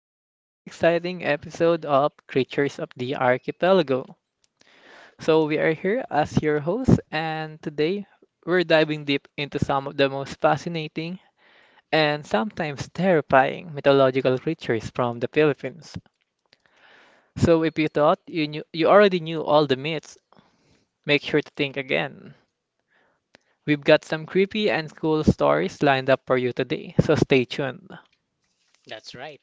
to another exciting episode of Creatures of the Archipelago. So, we are here as your hosts, and today we're diving deep into some of the most fascinating and sometimes terrifying mythological creatures from the Philippines. So, if you thought you, knew, you already knew all the myths, make sure to think again. We've got some creepy and cool stories lined up for you today, so stay tuned. That's right.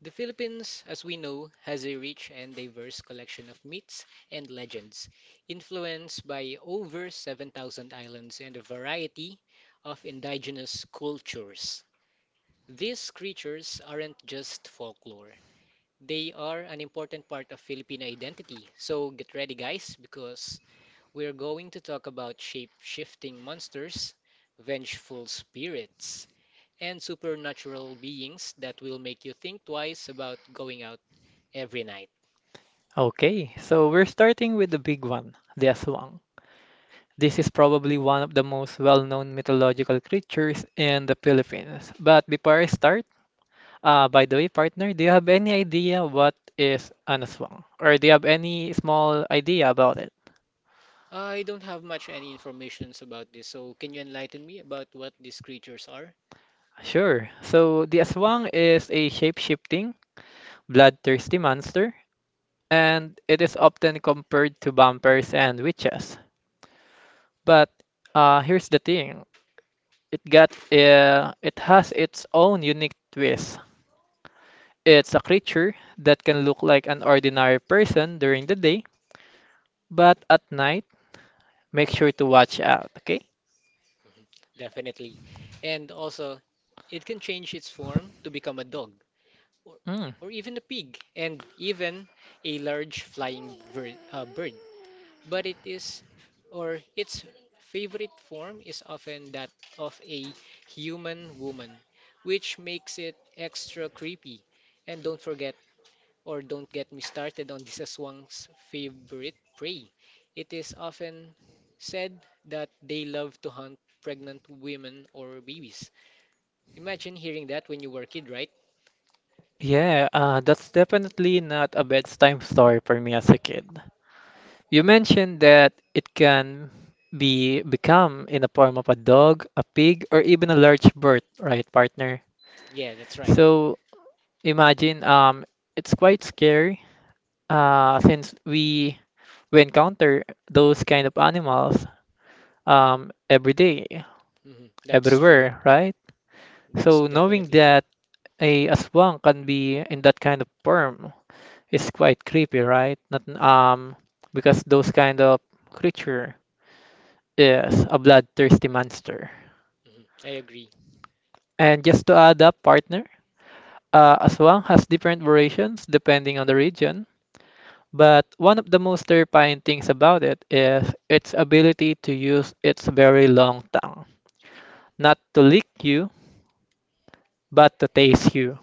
The Philippines, as we know, has a rich and diverse collection of myths and legends, influenced by over 7,000 islands and a variety of indigenous cultures. These creatures aren't just folklore, they are an important part of Filipino identity. So get ready, guys, because we're going to talk about shape shifting monsters, vengeful spirits, and supernatural beings that will make you think twice about going out every night. Okay, so we're starting with the big one, the Aswang. This is probably one of the most well-known mythological creatures in the Philippines. But before I start, by the way, partner, do you have any idea what is an aswang? Or do you have any small idea about it? I don't have much any informations about this, so can you enlighten me about what these creatures are? Sure. So the aswang is a shape-shifting, bloodthirsty monster, and it is often compared to vampires and witches. But here's the thing. It has its own unique twist. It's a creature that can look like an ordinary person during the day, but at night, make sure to watch out, okay? Mhm, definitely. And also, it can change its form to become a dog or, Mm. or even a pig and even a large bird. But it is or its favorite form is often that of a human woman, which makes it extra creepy. And don't forget or don't get me started on this Swang's favorite prey. It is often said that they love to hunt pregnant women or babies. Imagine hearing that when you were a kid, right? Yeah, that's definitely not a bedtime story for me as a kid. You mentioned that it can be become in the form of a dog, a pig, or even a large bird, right, partner? Yeah, that's right. So imagine it's quite scary since we encounter those kind of animals every day. hmm That's true. Everywhere, right? That's So knowing definitely true. that aswang can be in that kind of form is quite creepy, right? Not because those kind of creature is a bloodthirsty monster. Hmm I agree. And just to add up, partner, aswang has different variations depending on the region. But one of the most terrifying things about it is its ability to use its very long tongue, not to lick you, but to taste you,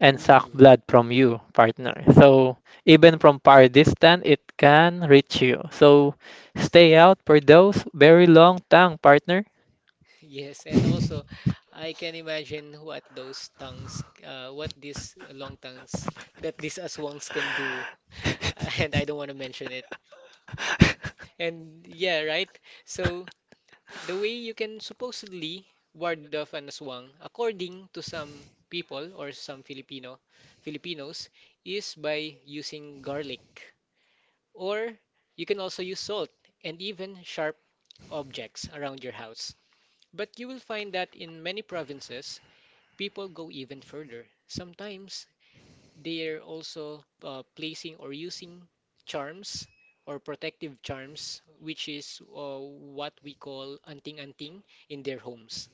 and suck Ooh. blood from you, partner. So even from far distance, it can reach you. So stay out for those very long tongue, partner. Yes, and also I can imagine what those what these long tongues that these aswangs can do, and I don't want to mention it. And yeah, right? So the way you can supposedly ward off an aswang, according to some people or some Filipino Filipinos, is by using garlic, or you can also use salt and even sharp objects around your house. But you will find that in many provinces, people go even further. Sometimes they're also placing or using charms or protective charms, which is what we call anting-anting in their homes.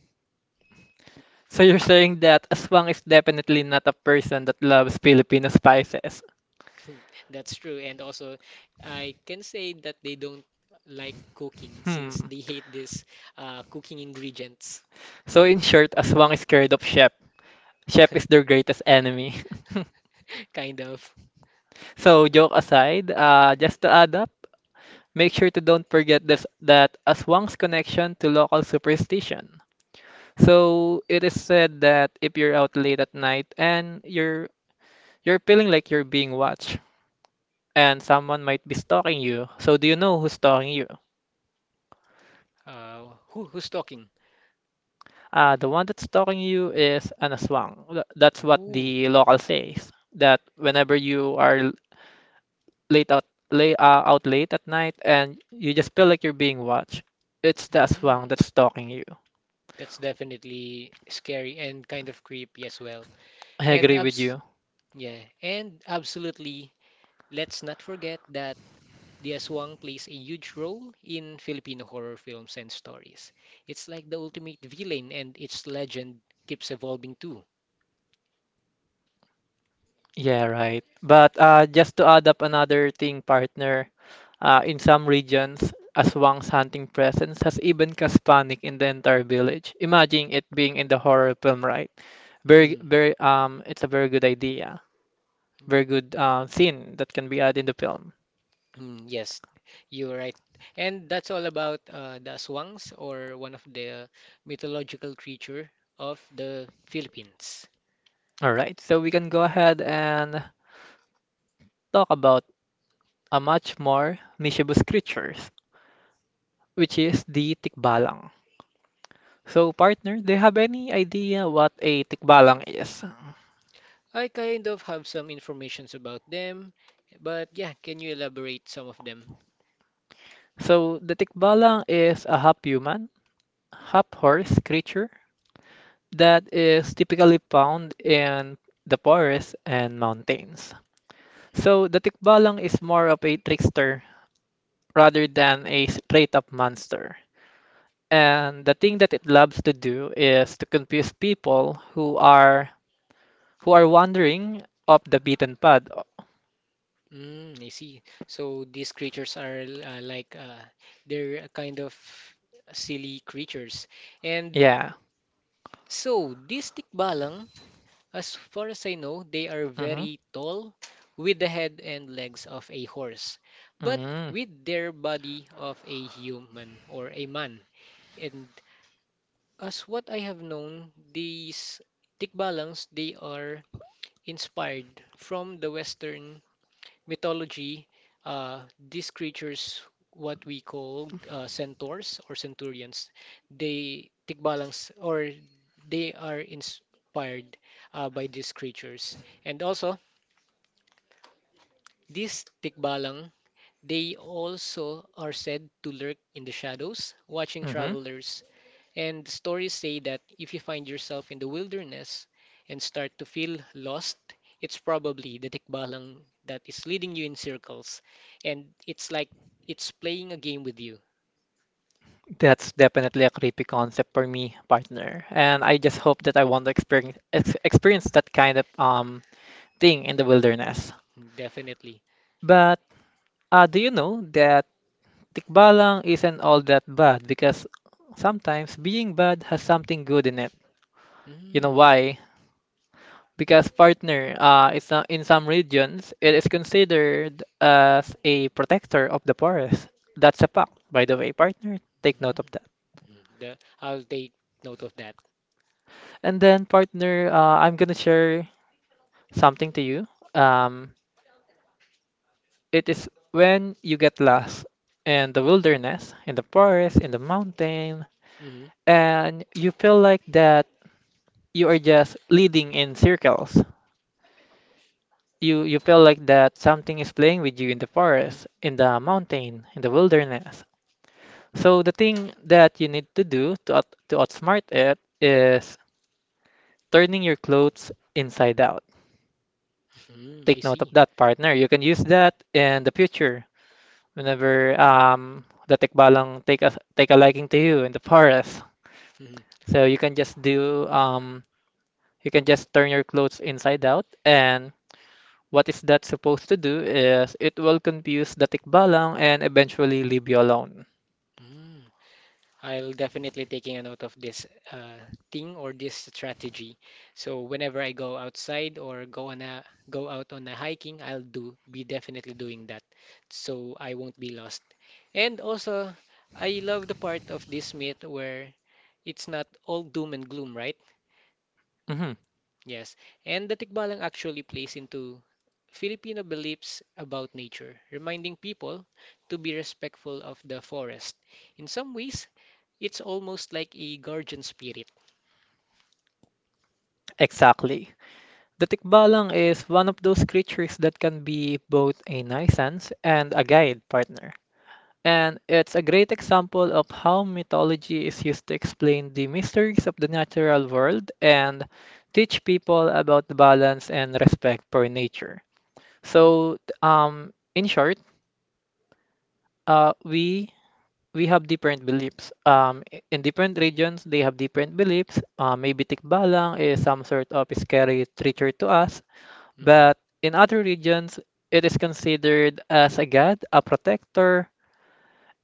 So you're saying that Aswang is definitely not a person that loves Filipino spices. That's true. And also, I can say that they don't like cooking since Hmm. they hate this cooking ingredients. So in short, Aswang is scared of chef. Chef is their greatest enemy. Kind of. So joke aside, just to add up, make sure to don't forget this that Aswang's connection to local superstition. So it is said that if you're out late at night and you're feeling like you're being watched and someone might be stalking you. So do you know who's stalking you? Who's talking? The one that's stalking you is an aswang. That's what Ooh. the local says. That whenever late out late at night and you just feel like you're being watched, it's the aswang Mm. that's stalking you. That's definitely scary and kind of creepy as well. I And agree with abs you. yeah, and absolutely, let's not forget that the aswang plays a huge role in Filipino horror films and stories. It's like the ultimate villain and its legend keeps evolving too. Yeah, right. But just to add up another thing, partner, in some regions, Aswang's hunting presence has even caused panic in the entire village. Imagine it being in the horror film, right? Very, Mm, very, it's a very good idea, very good scene that can be added in the film. Yes, you're right. And that's all about the aswangs or one of the mythological creature of the Philippines. All right, so we can go ahead and talk about a much more mischievous creatures, which is the tikbalang. So, partner, do you have any idea what a tikbalang is? I kind of have some informations about them, but yeah, can you elaborate some of them? So, the tikbalang is a half human, half horse creature that is typically found in the forests and mountains. So the Tikbalang is more of a trickster rather than a straight up monster. And the thing that it loves to do is to confuse people who are wandering off the beaten path. Mm, I see. So these creatures are like they're a kind of silly creatures. And Yeah. so these tikbalang, as far as I know, they are Mm-hmm. very tall with the head and legs of a horse, but Mm-hmm. with their body of a human or a man. And as what I have known, these tikbalangs they are inspired from the Western mythology. These creatures, what we call centaurs or centurions, they tikbalangs or they are inspired by these creatures. And also, these tikbalang they also are said to lurk in the shadows, watching Mm-hmm. travelers. And stories say that if you find yourself in the wilderness and start to feel lost, it's probably the tikbalang that is leading you in circles. And it's like it's playing a game with you. That's definitely a creepy concept for me, partner. And I just hope that I want to experience experience that kind of thing in the wilderness. Definitely. But do you know that tikbalang isn't all that bad because sometimes being bad has something good in it. You know Mm. why? Because partner, it's not, in some regions it is considered as a protector of the forest. That's a fact, by the way, partner. Take note of Mm. that. Mm. The, I'll take note of that. And then, partner, I'm gonna share something to you. Um, it is when you get lost in the wilderness, in the forest, in the mountain, Hmm and you feel like that you are just leading in circles. You feel like that something is playing with you in the hmm forest, in the mountain, in the wilderness. So the thing that you need to do to outsmart it is turning your clothes inside out. Mm, I Take note of see. that, partner. You can use that in the future whenever the tikbalang take a liking to you in the forest. Mm, So you can just do you can just turn your clothes inside out, and what is that supposed to do is it will confuse the tikbalang and eventually leave you alone. mm. I'll definitely taking a note of this uh, thing or this strategy. So whenever I go outside or go out on a hiking, I'll do be definitely doing that, so I won't be lost. And also, I love the part of this myth where it's not all doom and gloom, right? Mhm. Yes, and the Tikbalang actually plays into Filipino beliefs about nature, reminding people to be respectful of the forest. In some ways, it's almost like a guardian spirit. Exactly. The tikbalang is one of those creatures that can be both a nuisance and a guide partner. And it's a great example of how mythology is used to explain the mysteries of the natural world and teach people about the balance and respect for nature. Mhm, So, in short, uh, we we have different beliefs. In different regions, they have different beliefs. Maybe Tikbalang is some sort of scary creature to us, mhm, but in other regions, it is considered as a god, a protector,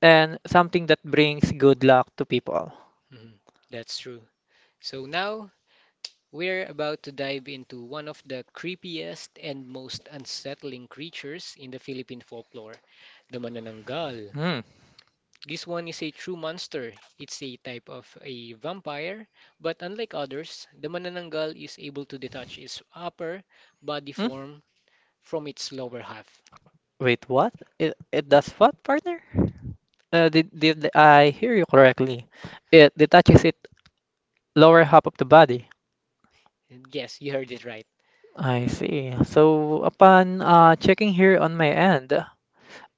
and something that brings good luck to people. mhm. That's true. So now we're about to dive into one of the creepiest and most unsettling creatures in the Philippine folklore, the Manananggal. Hmm. This one is a true monster. It's a type of a vampire, but unlike others, the manananggal is able to detach its upper body Hmm? form from its lower half. Wait, what? It does what, partner? Did I hear you correctly? It detaches it lower half of the body. Yes, you heard it right. I see. So upon checking here on my end,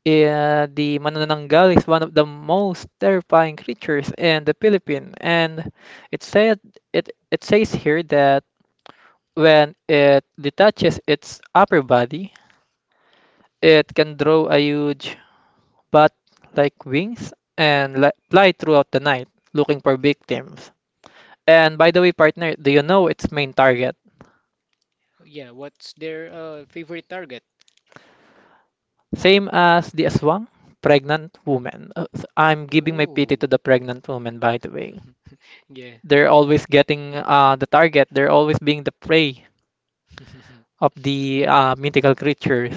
the manananggal is one of the most terrifying creatures in the Philippines, and it said it says here that when it detaches its upper body, it can draw a huge but like wings and fly throughout the night looking for victims. And by the way, partner, do you know its main target? Yeah, what's their favorite target? Same as the aswang, pregnant woman. I'm giving my pity Oh, to the pregnant woman, by the way. yeah. They're always getting the target, they're always being the prey of the mythical creatures.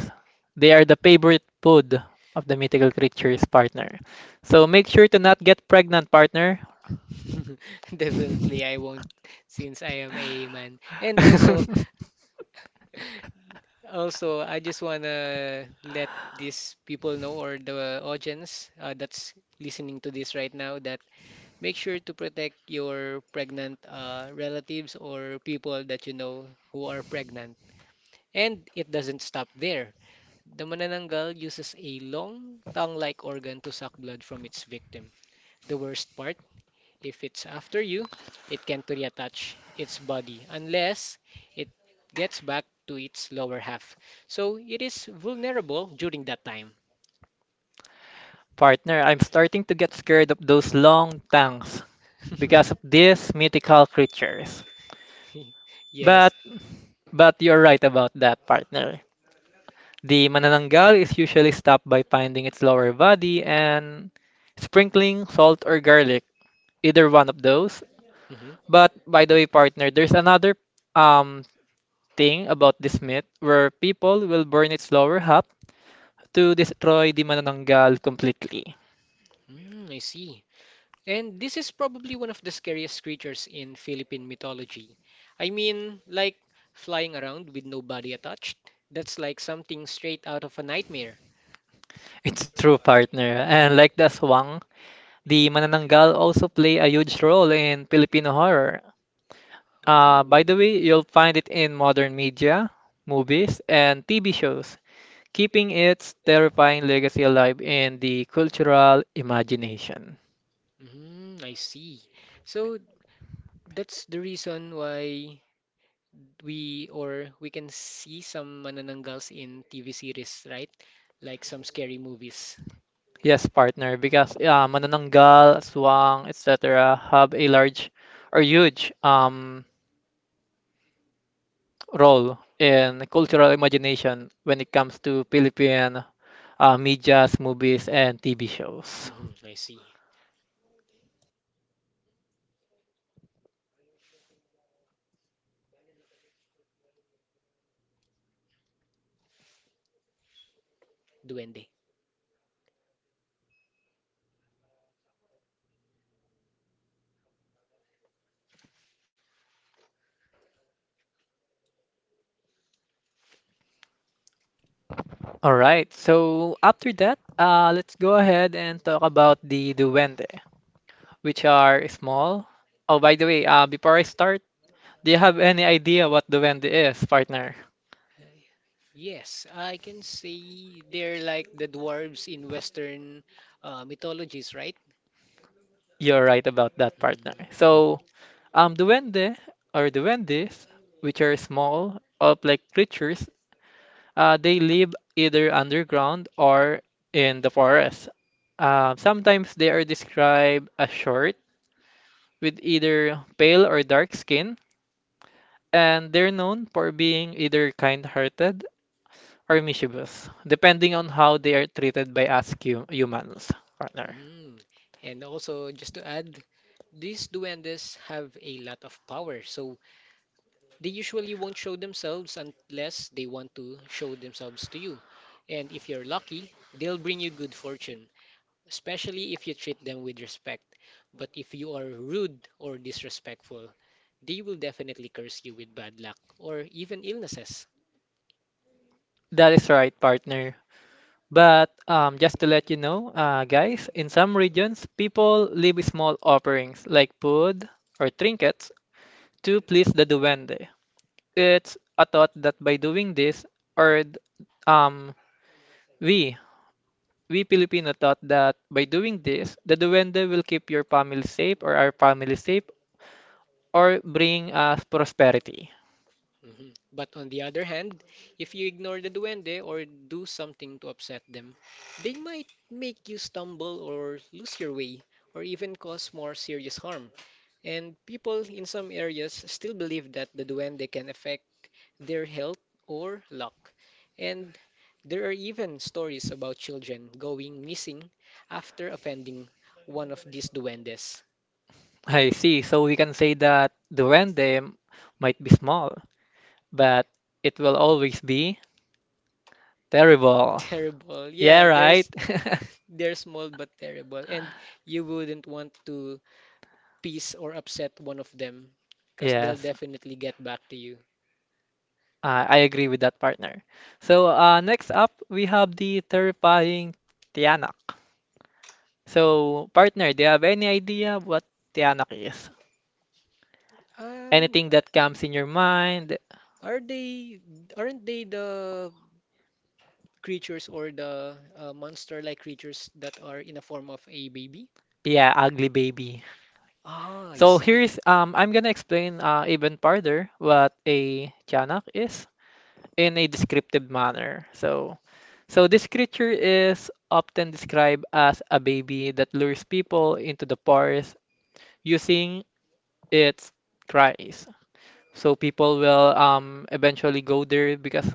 They are the favorite food of the mythical creatures, partner. So make sure to not get pregnant, partner. Definitely, I won't since I am a man. And also, also, I just wanna let these people know or the audience that's listening to this right now that make sure to protect your pregnant relatives or people that you know who are pregnant. And it doesn't stop there. The manananggal uses a long tongue-like organ to suck blood from its victim. The worst part? If it's after you, it can't reattach its body unless it gets back to its lower half. So it is vulnerable during that time. Partner, I'm starting to get scared of those long tongues because of these mythical creatures. Yes. But but you're right about that, partner. The manananggal is usually stopped by finding its lower body and sprinkling salt or garlic, either one of those. Mhm. But by the way, partner, there's another um thing about this myth where people will burn its lower half to destroy the manananggal completely. Mm, I see. And this is probably one of the scariest creatures in Philippine mythology. I mean, like flying around with no body attached. That's like something straight out of a nightmare. It's true, partner. And like the swang, the Manananggal also play a huge role in Filipino horror. Ooh. By the way, you'll find it in modern media, movies, and TV shows, keeping its terrifying legacy alive in the cultural imagination. Mm, I see. So that's the reason why we or we can see some manananggals in TV series, right? Like some scary movies. Yes, partner, because Manananggal, Aswang, etc. have a large or huge role in cultural imagination when it comes to Philippine medias, movies, and TV shows. Hmm I see. Duende. All right. So after that, let's go ahead and talk about the duwende, which are small. Oh, by the way, before I start, do you have any idea what duwende is, partner? Uh, yes, I can say they're like the dwarves in Western mythologies, right? You're right about that, partner. Mhm. So, duwende or duwendes, which are small, elf-like creatures, they live either underground or in the forest. Sometimes they are described as short, with either pale or dark skin and they're known for being either kind hearted or mischievous, depending on how they are treated by humans, partner. Mm. And also, just to add, these duendes have a lot of power, so they usually won't show themselves unless they want to show themselves to you. And if you're lucky, they'll bring you good fortune, especially if you treat them with respect. But if you are rude or disrespectful, they will definitely curse you with bad luck or even illnesses. That is right, partner. But just to let you know, guys, in some regions, people leave small offerings like food or trinkets to please the duende. It's a thought that by doing this, or th- um, we, we Filipino thought that by doing this, the duende will keep your family safe or our family safe or bring us prosperity. Mhm. But on the other hand, if you ignore the duende or do something to upset them, they might make you stumble or lose your way or even cause more serious harm. And people in some areas still believe that the duende can affect their health or luck. And there are even stories about children going missing after offending one of these duendes. I see. So we can say that Duende might be small, but it will always be terrible. Terrible. Yeah, Yeah, right? there's they're small but terrible. And you wouldn't want to piss or upset one of them because they'll Yes, definitely get back to you. I agree with that partner. So next up, we have the terrifying Tianak. So, partner, do you have any idea what Tianak is? Um, Anything that comes in your mind? are they aren't they the creatures or the monster-like creatures that are in the form of a baby? Yeah, ugly baby. Ah, I So see. here's I'm gonna explain even further what a tiyanak is in a descriptive manner. So this creature is often described as a baby that lures people into the forest using its cries. So people will eventually go there because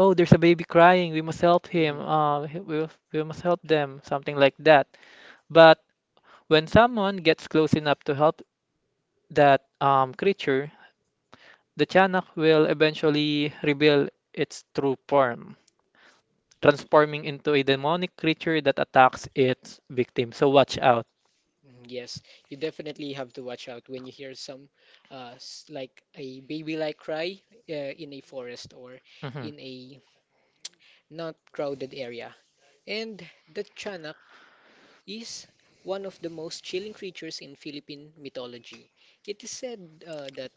oh there's a baby crying we must help him Mhm. We must help them something like that. But when someone gets close enough to help that creature, the Tianak will eventually reveal its true form, transforming into a demonic creature that attacks its victim. So watch out. Mm, yes, you definitely have to watch out when you hear some, like a baby-like cry, in a forest or Mhm. in a not crowded area. And the Chanak is one of the most chilling creatures in Philippine mythology. It is said, that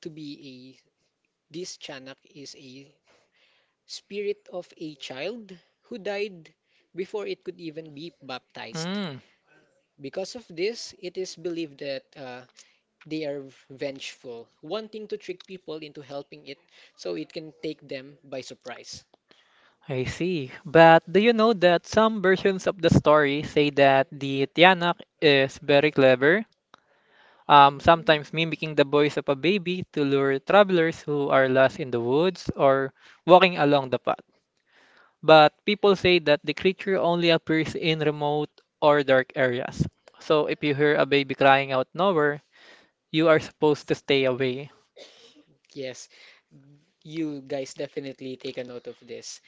to be a this Chanak is a spirit of a child who died before it could even be baptized. Mm, Because of this, it is believed that they are vengeful, wanting to trick people into helping it so it can take them by surprise. I see. But do you know that some versions of the story say that the Tianak is very clever, sometimes mimicking the voice of a baby to lure travelers who are lost in the woods or walking along the path? But people say that the creature only appears in remote or dark areas. So if you hear a baby crying out nowhere, you are supposed to stay away. Yes, you guys definitely take a note of this.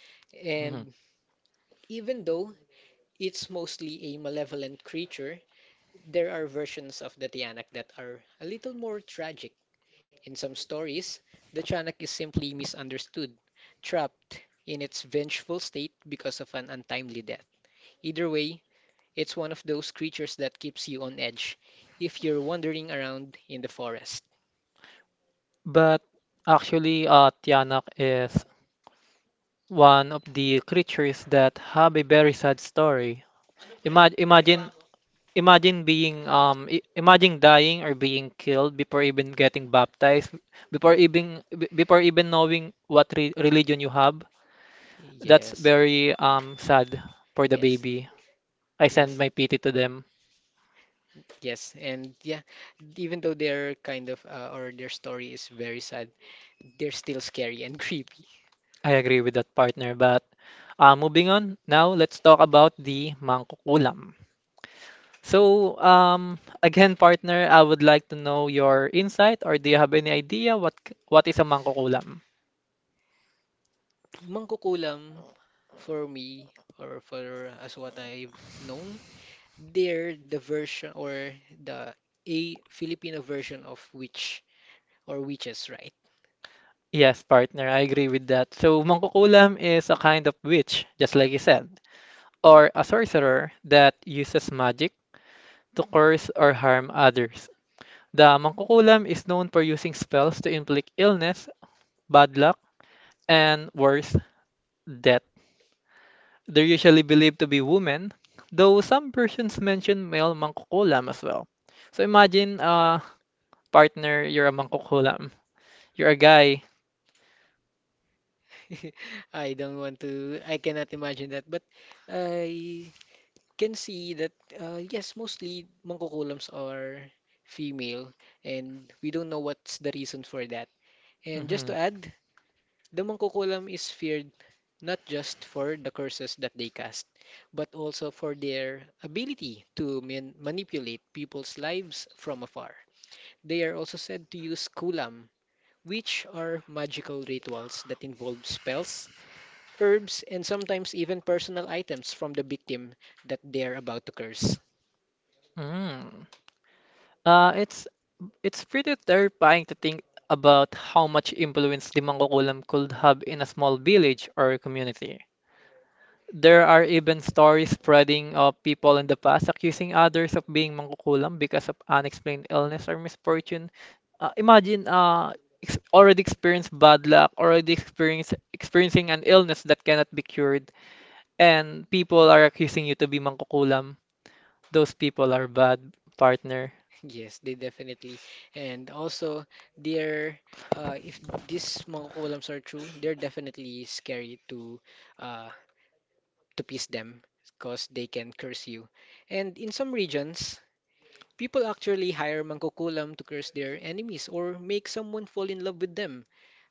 Mhm. And even though it's mostly a malevolent creature, there are versions of the Tiyanak that are a little more tragic. In some stories, the Tiyanak is simply misunderstood, trapped in its vengeful state because of an untimely death. Either way, it's one of those creatures that keeps you on edge if you're wandering around in the forest. But actually, Tianak is one of the creatures that have a very sad story. Imagine, imagine, imagine being imagine dying or being killed before even getting baptized, before even before even knowing what re religion you have. That's Yes. very sad for the Yes. baby. I send Yes. my pity to them. Yes, and yeah, even though they're kind of or their story is very sad, they're still scary and creepy. I agree with that, partner. But moving on, now let's talk about the mangkukulam. So again, partner, I would like to know your insight, or do you have any idea what what is a mangkukulam? Mangkukulam, for me, or for as what I've known, they're the version or the a Filipino version of witch or witches, right? Yes, partner, I agree with that. So mangkukulam is a kind of witch, just like you said, or a sorcerer that uses magic to curse or harm others. The Mangkukulam is known for using spells to inflict illness, bad luck, and worse, death. They're usually believed to be women, though some versions mention male Mangkukulam as well. So imagine a partner, you're a Mangkukulam, you're a guy. I don't want to, I cannot imagine that, but I can see that, yes, mostly mangkukulams are female, and we don't know what's the reason for that. And just Hmm. to add, the Mangkukulam is feared not just for the curses that they cast, but also for their ability to manipulate people's lives from afar. They are also said to use kulam, which are magical rituals that involve spells, herbs, and sometimes even personal items from the victim that they are about to curse. Mm. Uh, it's it's pretty terrifying to think about how much influence the Mangkukulam could have in a small village or community. There are even stories spreading of people in the past accusing others of being mangkukulam because of unexplained illness or misfortune. Imagine already experienced bad luck, experiencing an illness that cannot be cured, and people are accusing you to be mangkukulam. Those people are bad, partner. Yes, they definitely. And also, they're if these mangkukulams are true, they're definitely scary uh, to please them because they can curse you. And in some regions, people actually hire mangkukulam to curse their enemies or make someone fall in love with them.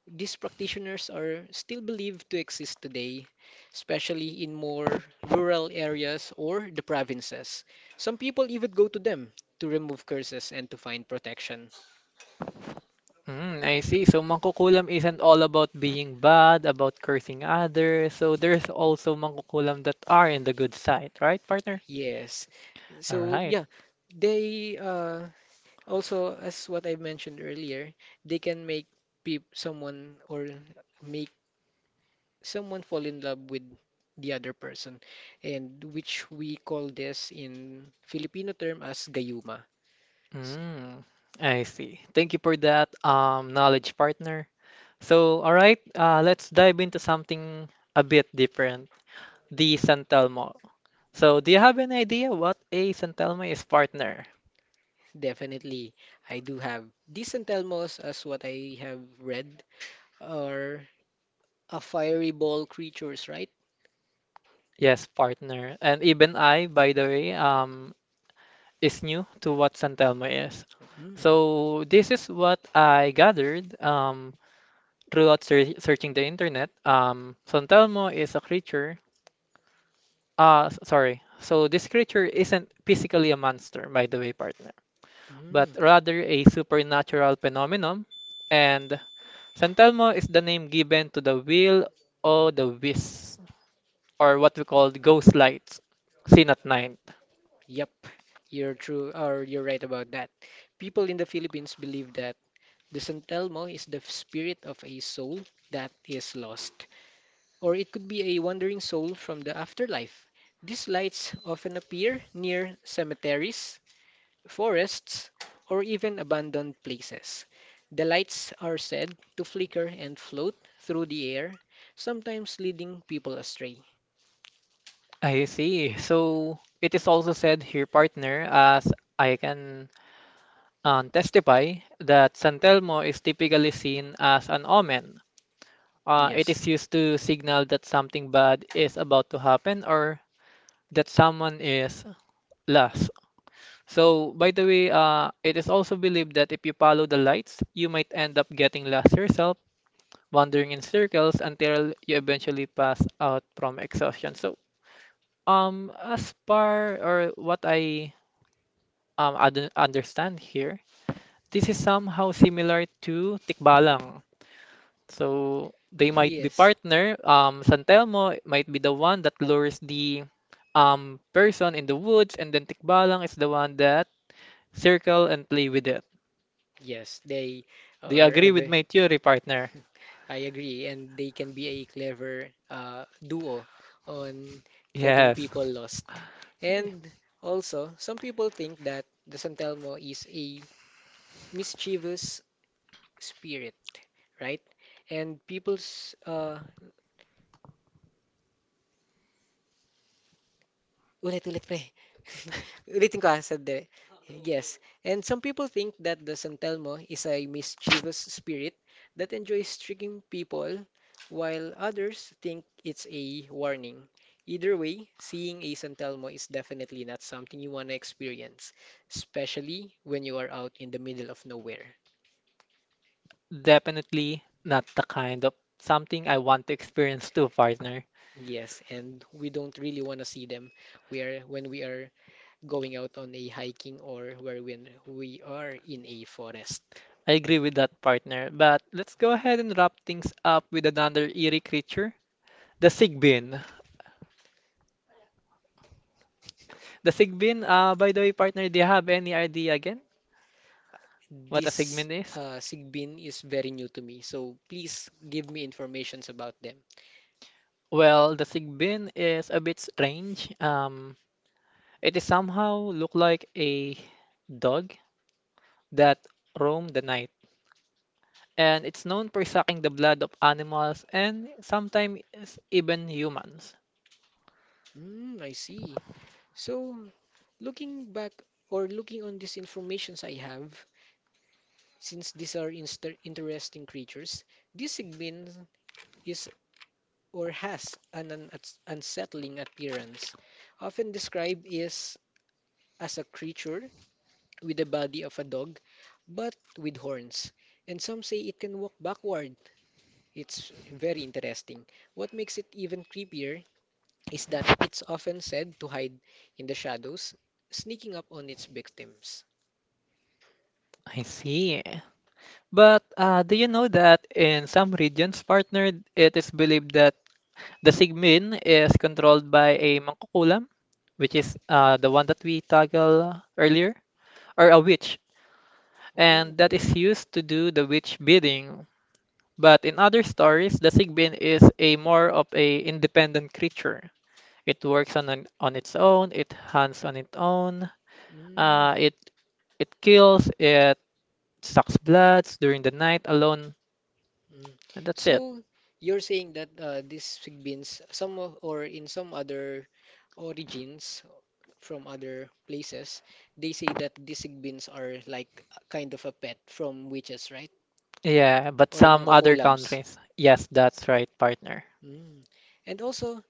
These practitioners are still believed to exist today, especially in more rural areas or the provinces. Some people even go to them to remove curses and to find protection. Mm, I see. So mangkukulam isn't all about being bad, about cursing others. So there's also mangkukulam that are in the good side, right, partner? Yes. All So right. yeah, they also, as what I mentioned earlier, they can make peop someone or make someone fall in love with the other person, and which we call this in Filipino term as gayuma. S- Mm, I see. Thank you for that, knowledge partner. So, all right, let's dive into something a bit different, the San Telmo. So, do you have any idea what a San Telmo is, partner? Definitely, I do have decent Elmos as what I have read, are a fiery ball creatures, right? Yes, partner. And even I, by the way, is new to what San Telmo is. Mm. So, this is what I gathered throughout searching the internet. San Telmo is a creature. Sorry. So this creature isn't physically a monster, by the way, partner, but Mm. rather a supernatural phenomenon. And Santelmo is the name given to the wheel o' the wisp, or what we call the ghost lights, seen at night. Yep, you're true, or you're right about that. People in the Philippines believe that the San Telmo is the spirit of a soul that is lost, or it could be a wandering soul from the afterlife. These lights often appear near cemeteries, forests, or even abandoned places. The lights are said to flicker and float through the air, sometimes leading people astray. I see. So it is also said here, partner, as I can testify, that Santelmo is typically seen as an omen. It Yes. is used to signal that something bad is about to happen, or that someone is lost. So, by the way, it is also believed that if you follow the lights, you might end up getting lost yourself, wandering in circles until you eventually pass out from exhaustion. So, as far or what I understand here, this is somehow similar to Tikbalang. So they might be, Yes. partner. San Telmo might be the one that lures the person in the woods, and then Tikbalang is the one that circle and play with it. Yes, they Do you are a agree with ve- my theory, partner? I agree, and they can be a clever duo on getting Yes. people lost. And also, some people think that the San Telmo is a mischievous spirit, right? And people's Ulit-ulit pre. Ulitin ko ah, sa de. Yes. And some people think that the San Telmo is a mischievous spirit that enjoys tricking people, while others think it's a warning. Either way, seeing a San Telmo is definitely not something you want to experience, especially when you are out in the middle of nowhere. Definitely not the kind of something I want to experience too, partner. Yes, and we don't really want to see them where when we are going out on a hiking or where when we are in a forest. I agree with that, partner. But let's go ahead and wrap things up with another eerie creature, the Sigbin. The Sigbin, by the way, partner, do you have any idea again what a This Sigbin is? Sigbin is very new to me, so please give me informations about them. Well, the Sigbin is a bit strange. It is somehow look like a dog that roam the night, and it's known for sucking the blood of animals and sometimes even humans. Mm, I see. So, looking back or looking on these informations I have, since these are inster interesting creatures, this Sigbin is or has an unsettling appearance, often described is as a creature with the body of a dog, but with horns. And some say it can walk backward. It's very interesting. What makes it even creepier is that it's often said to hide in the shadows, sneaking up on its victims. I see. But do you know that in some regions, partner, it is believed that the Sigmin is controlled by a mangkukulam, which is the one that we toggle earlier, or a witch, and Oh. that is used to do the witch bidding. But in other stories, the Sigbin is a more of a independent creature. It works on its own, it hunts on its own, Mm. uh, it it kills, it sucks bloods during the night alone, Mm. and that's it. So you're saying that these Philippines, some of, or in some other origins from other places, they say that these Sigbins are like a kind of a pet from witches, right? Yeah, but Or some other mangkukulams. countries, yes, that's right, partner. Mm. And also,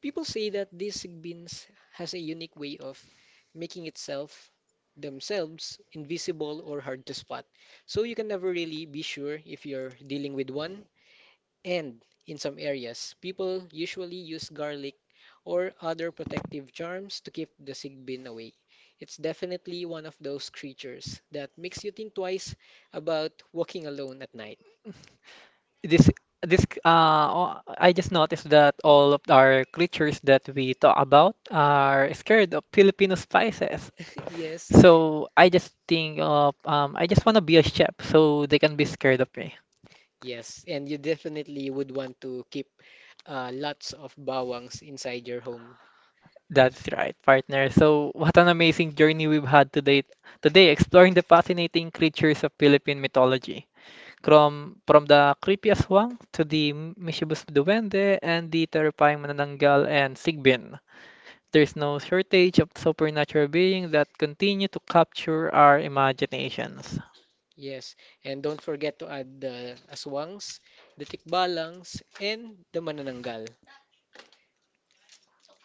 people say that these beans has a unique way of making itself themselves invisible or hard to spot. So you can never really be sure if you're dealing with one. And in some areas, people usually use garlic or other protective charms to keep the sigbin away. It's definitely one of those creatures that makes you think twice about walking alone at night. This this I just noticed that all of our creatures that we talk about are scared of Filipino spices. Yes. So I just think of I just want to be a chef so they can be scared of me. Yes, and you definitely would want to keep lots of bawangs inside your home. That's right, partner. So what an amazing journey we've had today. Today, exploring the fascinating creatures of Philippine mythology, from the creepiest aswang to the mischievous duwende and the terrifying manananggal and sigbin. There's no shortage of supernatural beings that continue to capture our imaginations. Yes, and don't forget to add the aswangs, the tikbalangs, and the manananggal.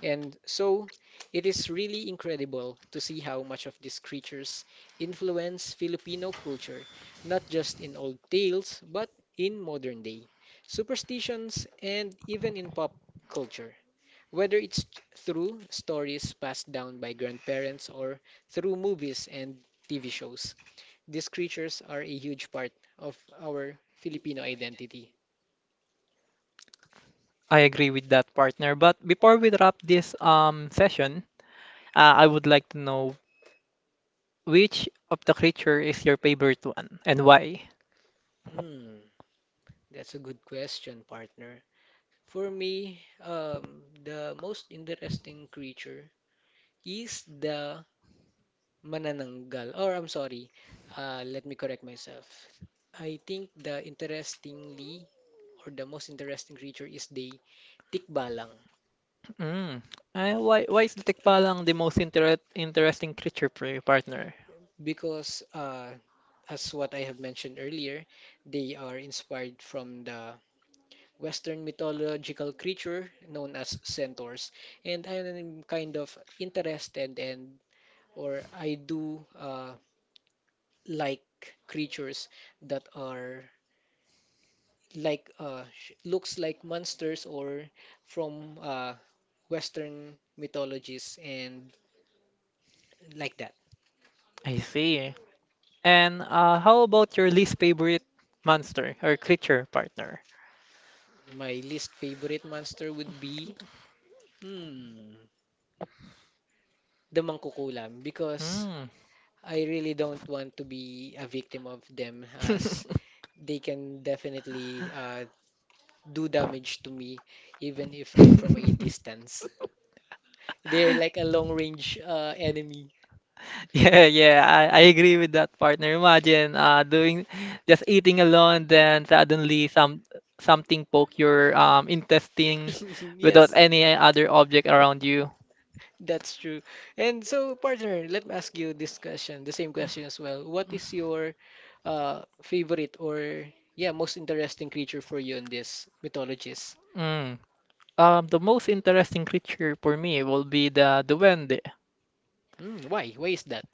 And so, it is really incredible to see how much of these creatures influence Filipino culture, not just in old tales, but in modern day superstitions and even in pop culture. Whether it's through stories passed down by grandparents or through movies and TV shows. These creatures are a huge part of our Filipino identity. I agree with that, partner. But before we wrap this session, I would like to know which of the creature is your favorite one and why? Hmm, that's a good question, partner. For me, the most interesting creature is the manananggal. Or I'm sorry, let me correct myself. I think the interestingly or the most interesting creature is the tikbalang Mm. Why is the Tikbalang the most interesting creature for your partner? because as what I have mentioned earlier, they are inspired from the Western mythological creature known as centaurs. And I'm kind of interested and or I do like creatures that are like looks like monsters or from Western mythologies and like that. I see. And how about your least favorite monster or creature, partner? My least favorite monster would be, hmm, the mangkukulam because Hmm. I really don't want to be a victim of them as they can definitely do damage to me, even if I'm from a distance. They're like a long range enemy. Yeah, yeah, I agree with that, partner. Imagine doing just eating alone, then suddenly something poke your intestine without Yes. any other object around you. That's true. And so, partner, let me ask you this question, the same question as well. What is your favorite or, yeah, most interesting creature for you in this mythologies? Mm. The most interesting creature for me will be the duende. Mm, why? Why is that?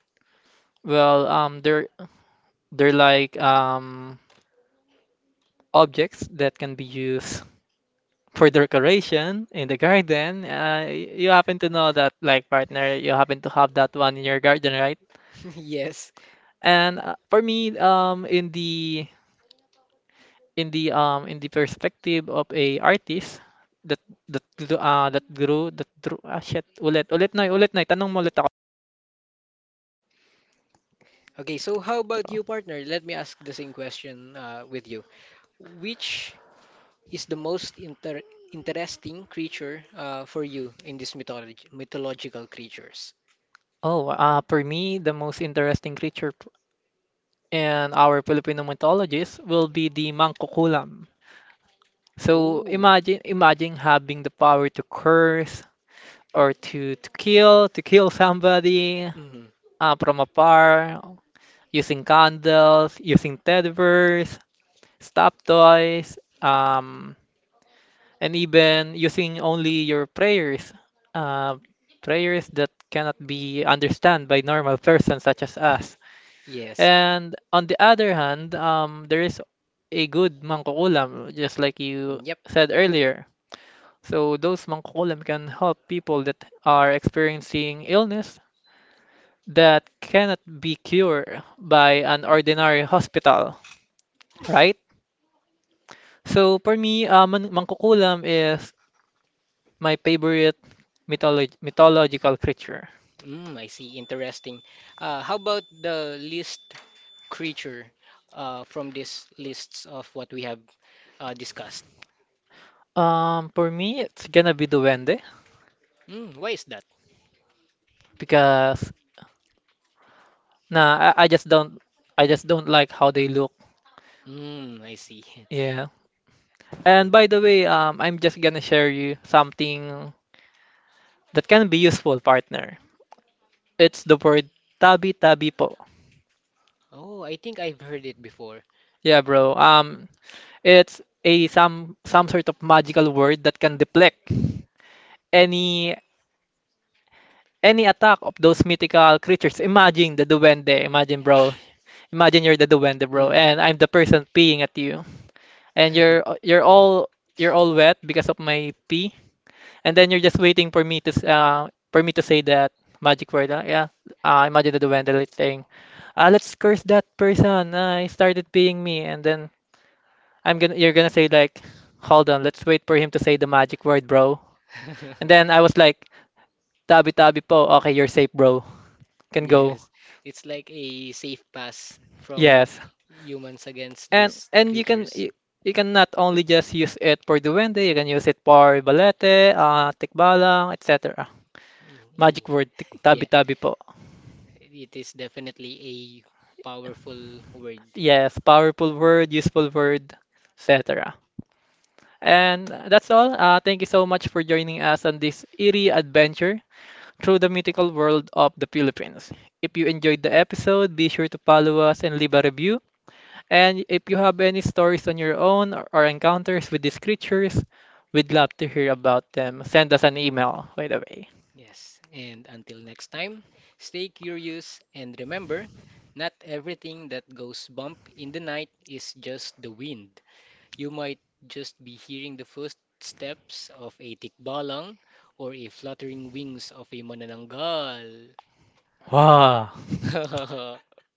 Well, they're like objects that can be used for decoration in the garden. You happen to know that, like partner, you happen to have that one in your garden, right? Yes. And for me, in the in the perspective of a artist that that gr- that grew that drew ah shit ulit ulit na tanong mo ulit ako. Okay, so how about you, partner? Let me ask the same question with you. Which is the most interesting creature for you in these mythology mythological creatures? Oh, for me, the most interesting creature in our Filipino mythologies will be the mangkukulam. So Oh, imagine having the power to curse or to kill, to kill somebody hmm. From afar using candles, using teddy bears, stop toys, and even using only your prayers, uh, prayers that cannot be understood by normal persons such as us. Yes. And on the other hand, there is a good mangkukulam, just like you Yep. said earlier. So those mangkukulam can help people that are experiencing illness that cannot be cured by an ordinary hospital, right? So for me, mangkukulam is my favorite mythological creature. Mm, I see. Interesting. How about the least creature from these lists of what we have discussed? For me, it's gonna be Duende Mm, why is that? because nah, I just don't like how they look. Mm, I see. Yeah. Uh, And by the way, I'm just gonna share you something that can be useful, partner. It's the word tabi tabi po. oh, I think I've heard it before. Yeah, bro. It's a some sort of magical word that can deflect any any attack of those mythical creatures. Imagine the Duende. Imagine, bro. Imagine you're the duende, bro, Mm. and I'm the person peeing at you, and you're all wet because of my pee, and then you're just waiting for me to say that magic word. Yeah, imagine the duende like saying, "Ah, let's curse that person. He started peeing me," and then I'm gonna you're gonna say like, "Hold on, let's wait for him to say the magic word, bro." And then I was like, "Tabi tabi po. Okay, you're safe, bro. Can go." Yes, it's like a safe pass from Yes. humans against And these and you can creatures. you, you can not only just use it for duwende, you can use it for balete, tikbalang, etc. Magic Mm, word, yeah, tabi-tabi po. yeah, it is definitely a powerful word. Yes, powerful word, useful word, etc. Mhm. And that's all. Thank you so much for joining us on this eerie adventure through the mythical world of the Philippines. If you enjoyed the episode, be sure to follow us and leave a review. And if you have any stories on your own, or encounters with these creatures, we'd love to hear about them. Send us an email, by the way. Yes, and until next time, stay curious and remember, not everything that goes bump in the night is just the wind. You might just be hearing the first steps of a tikbalang or a fluttering wings of a manananggal. Wow.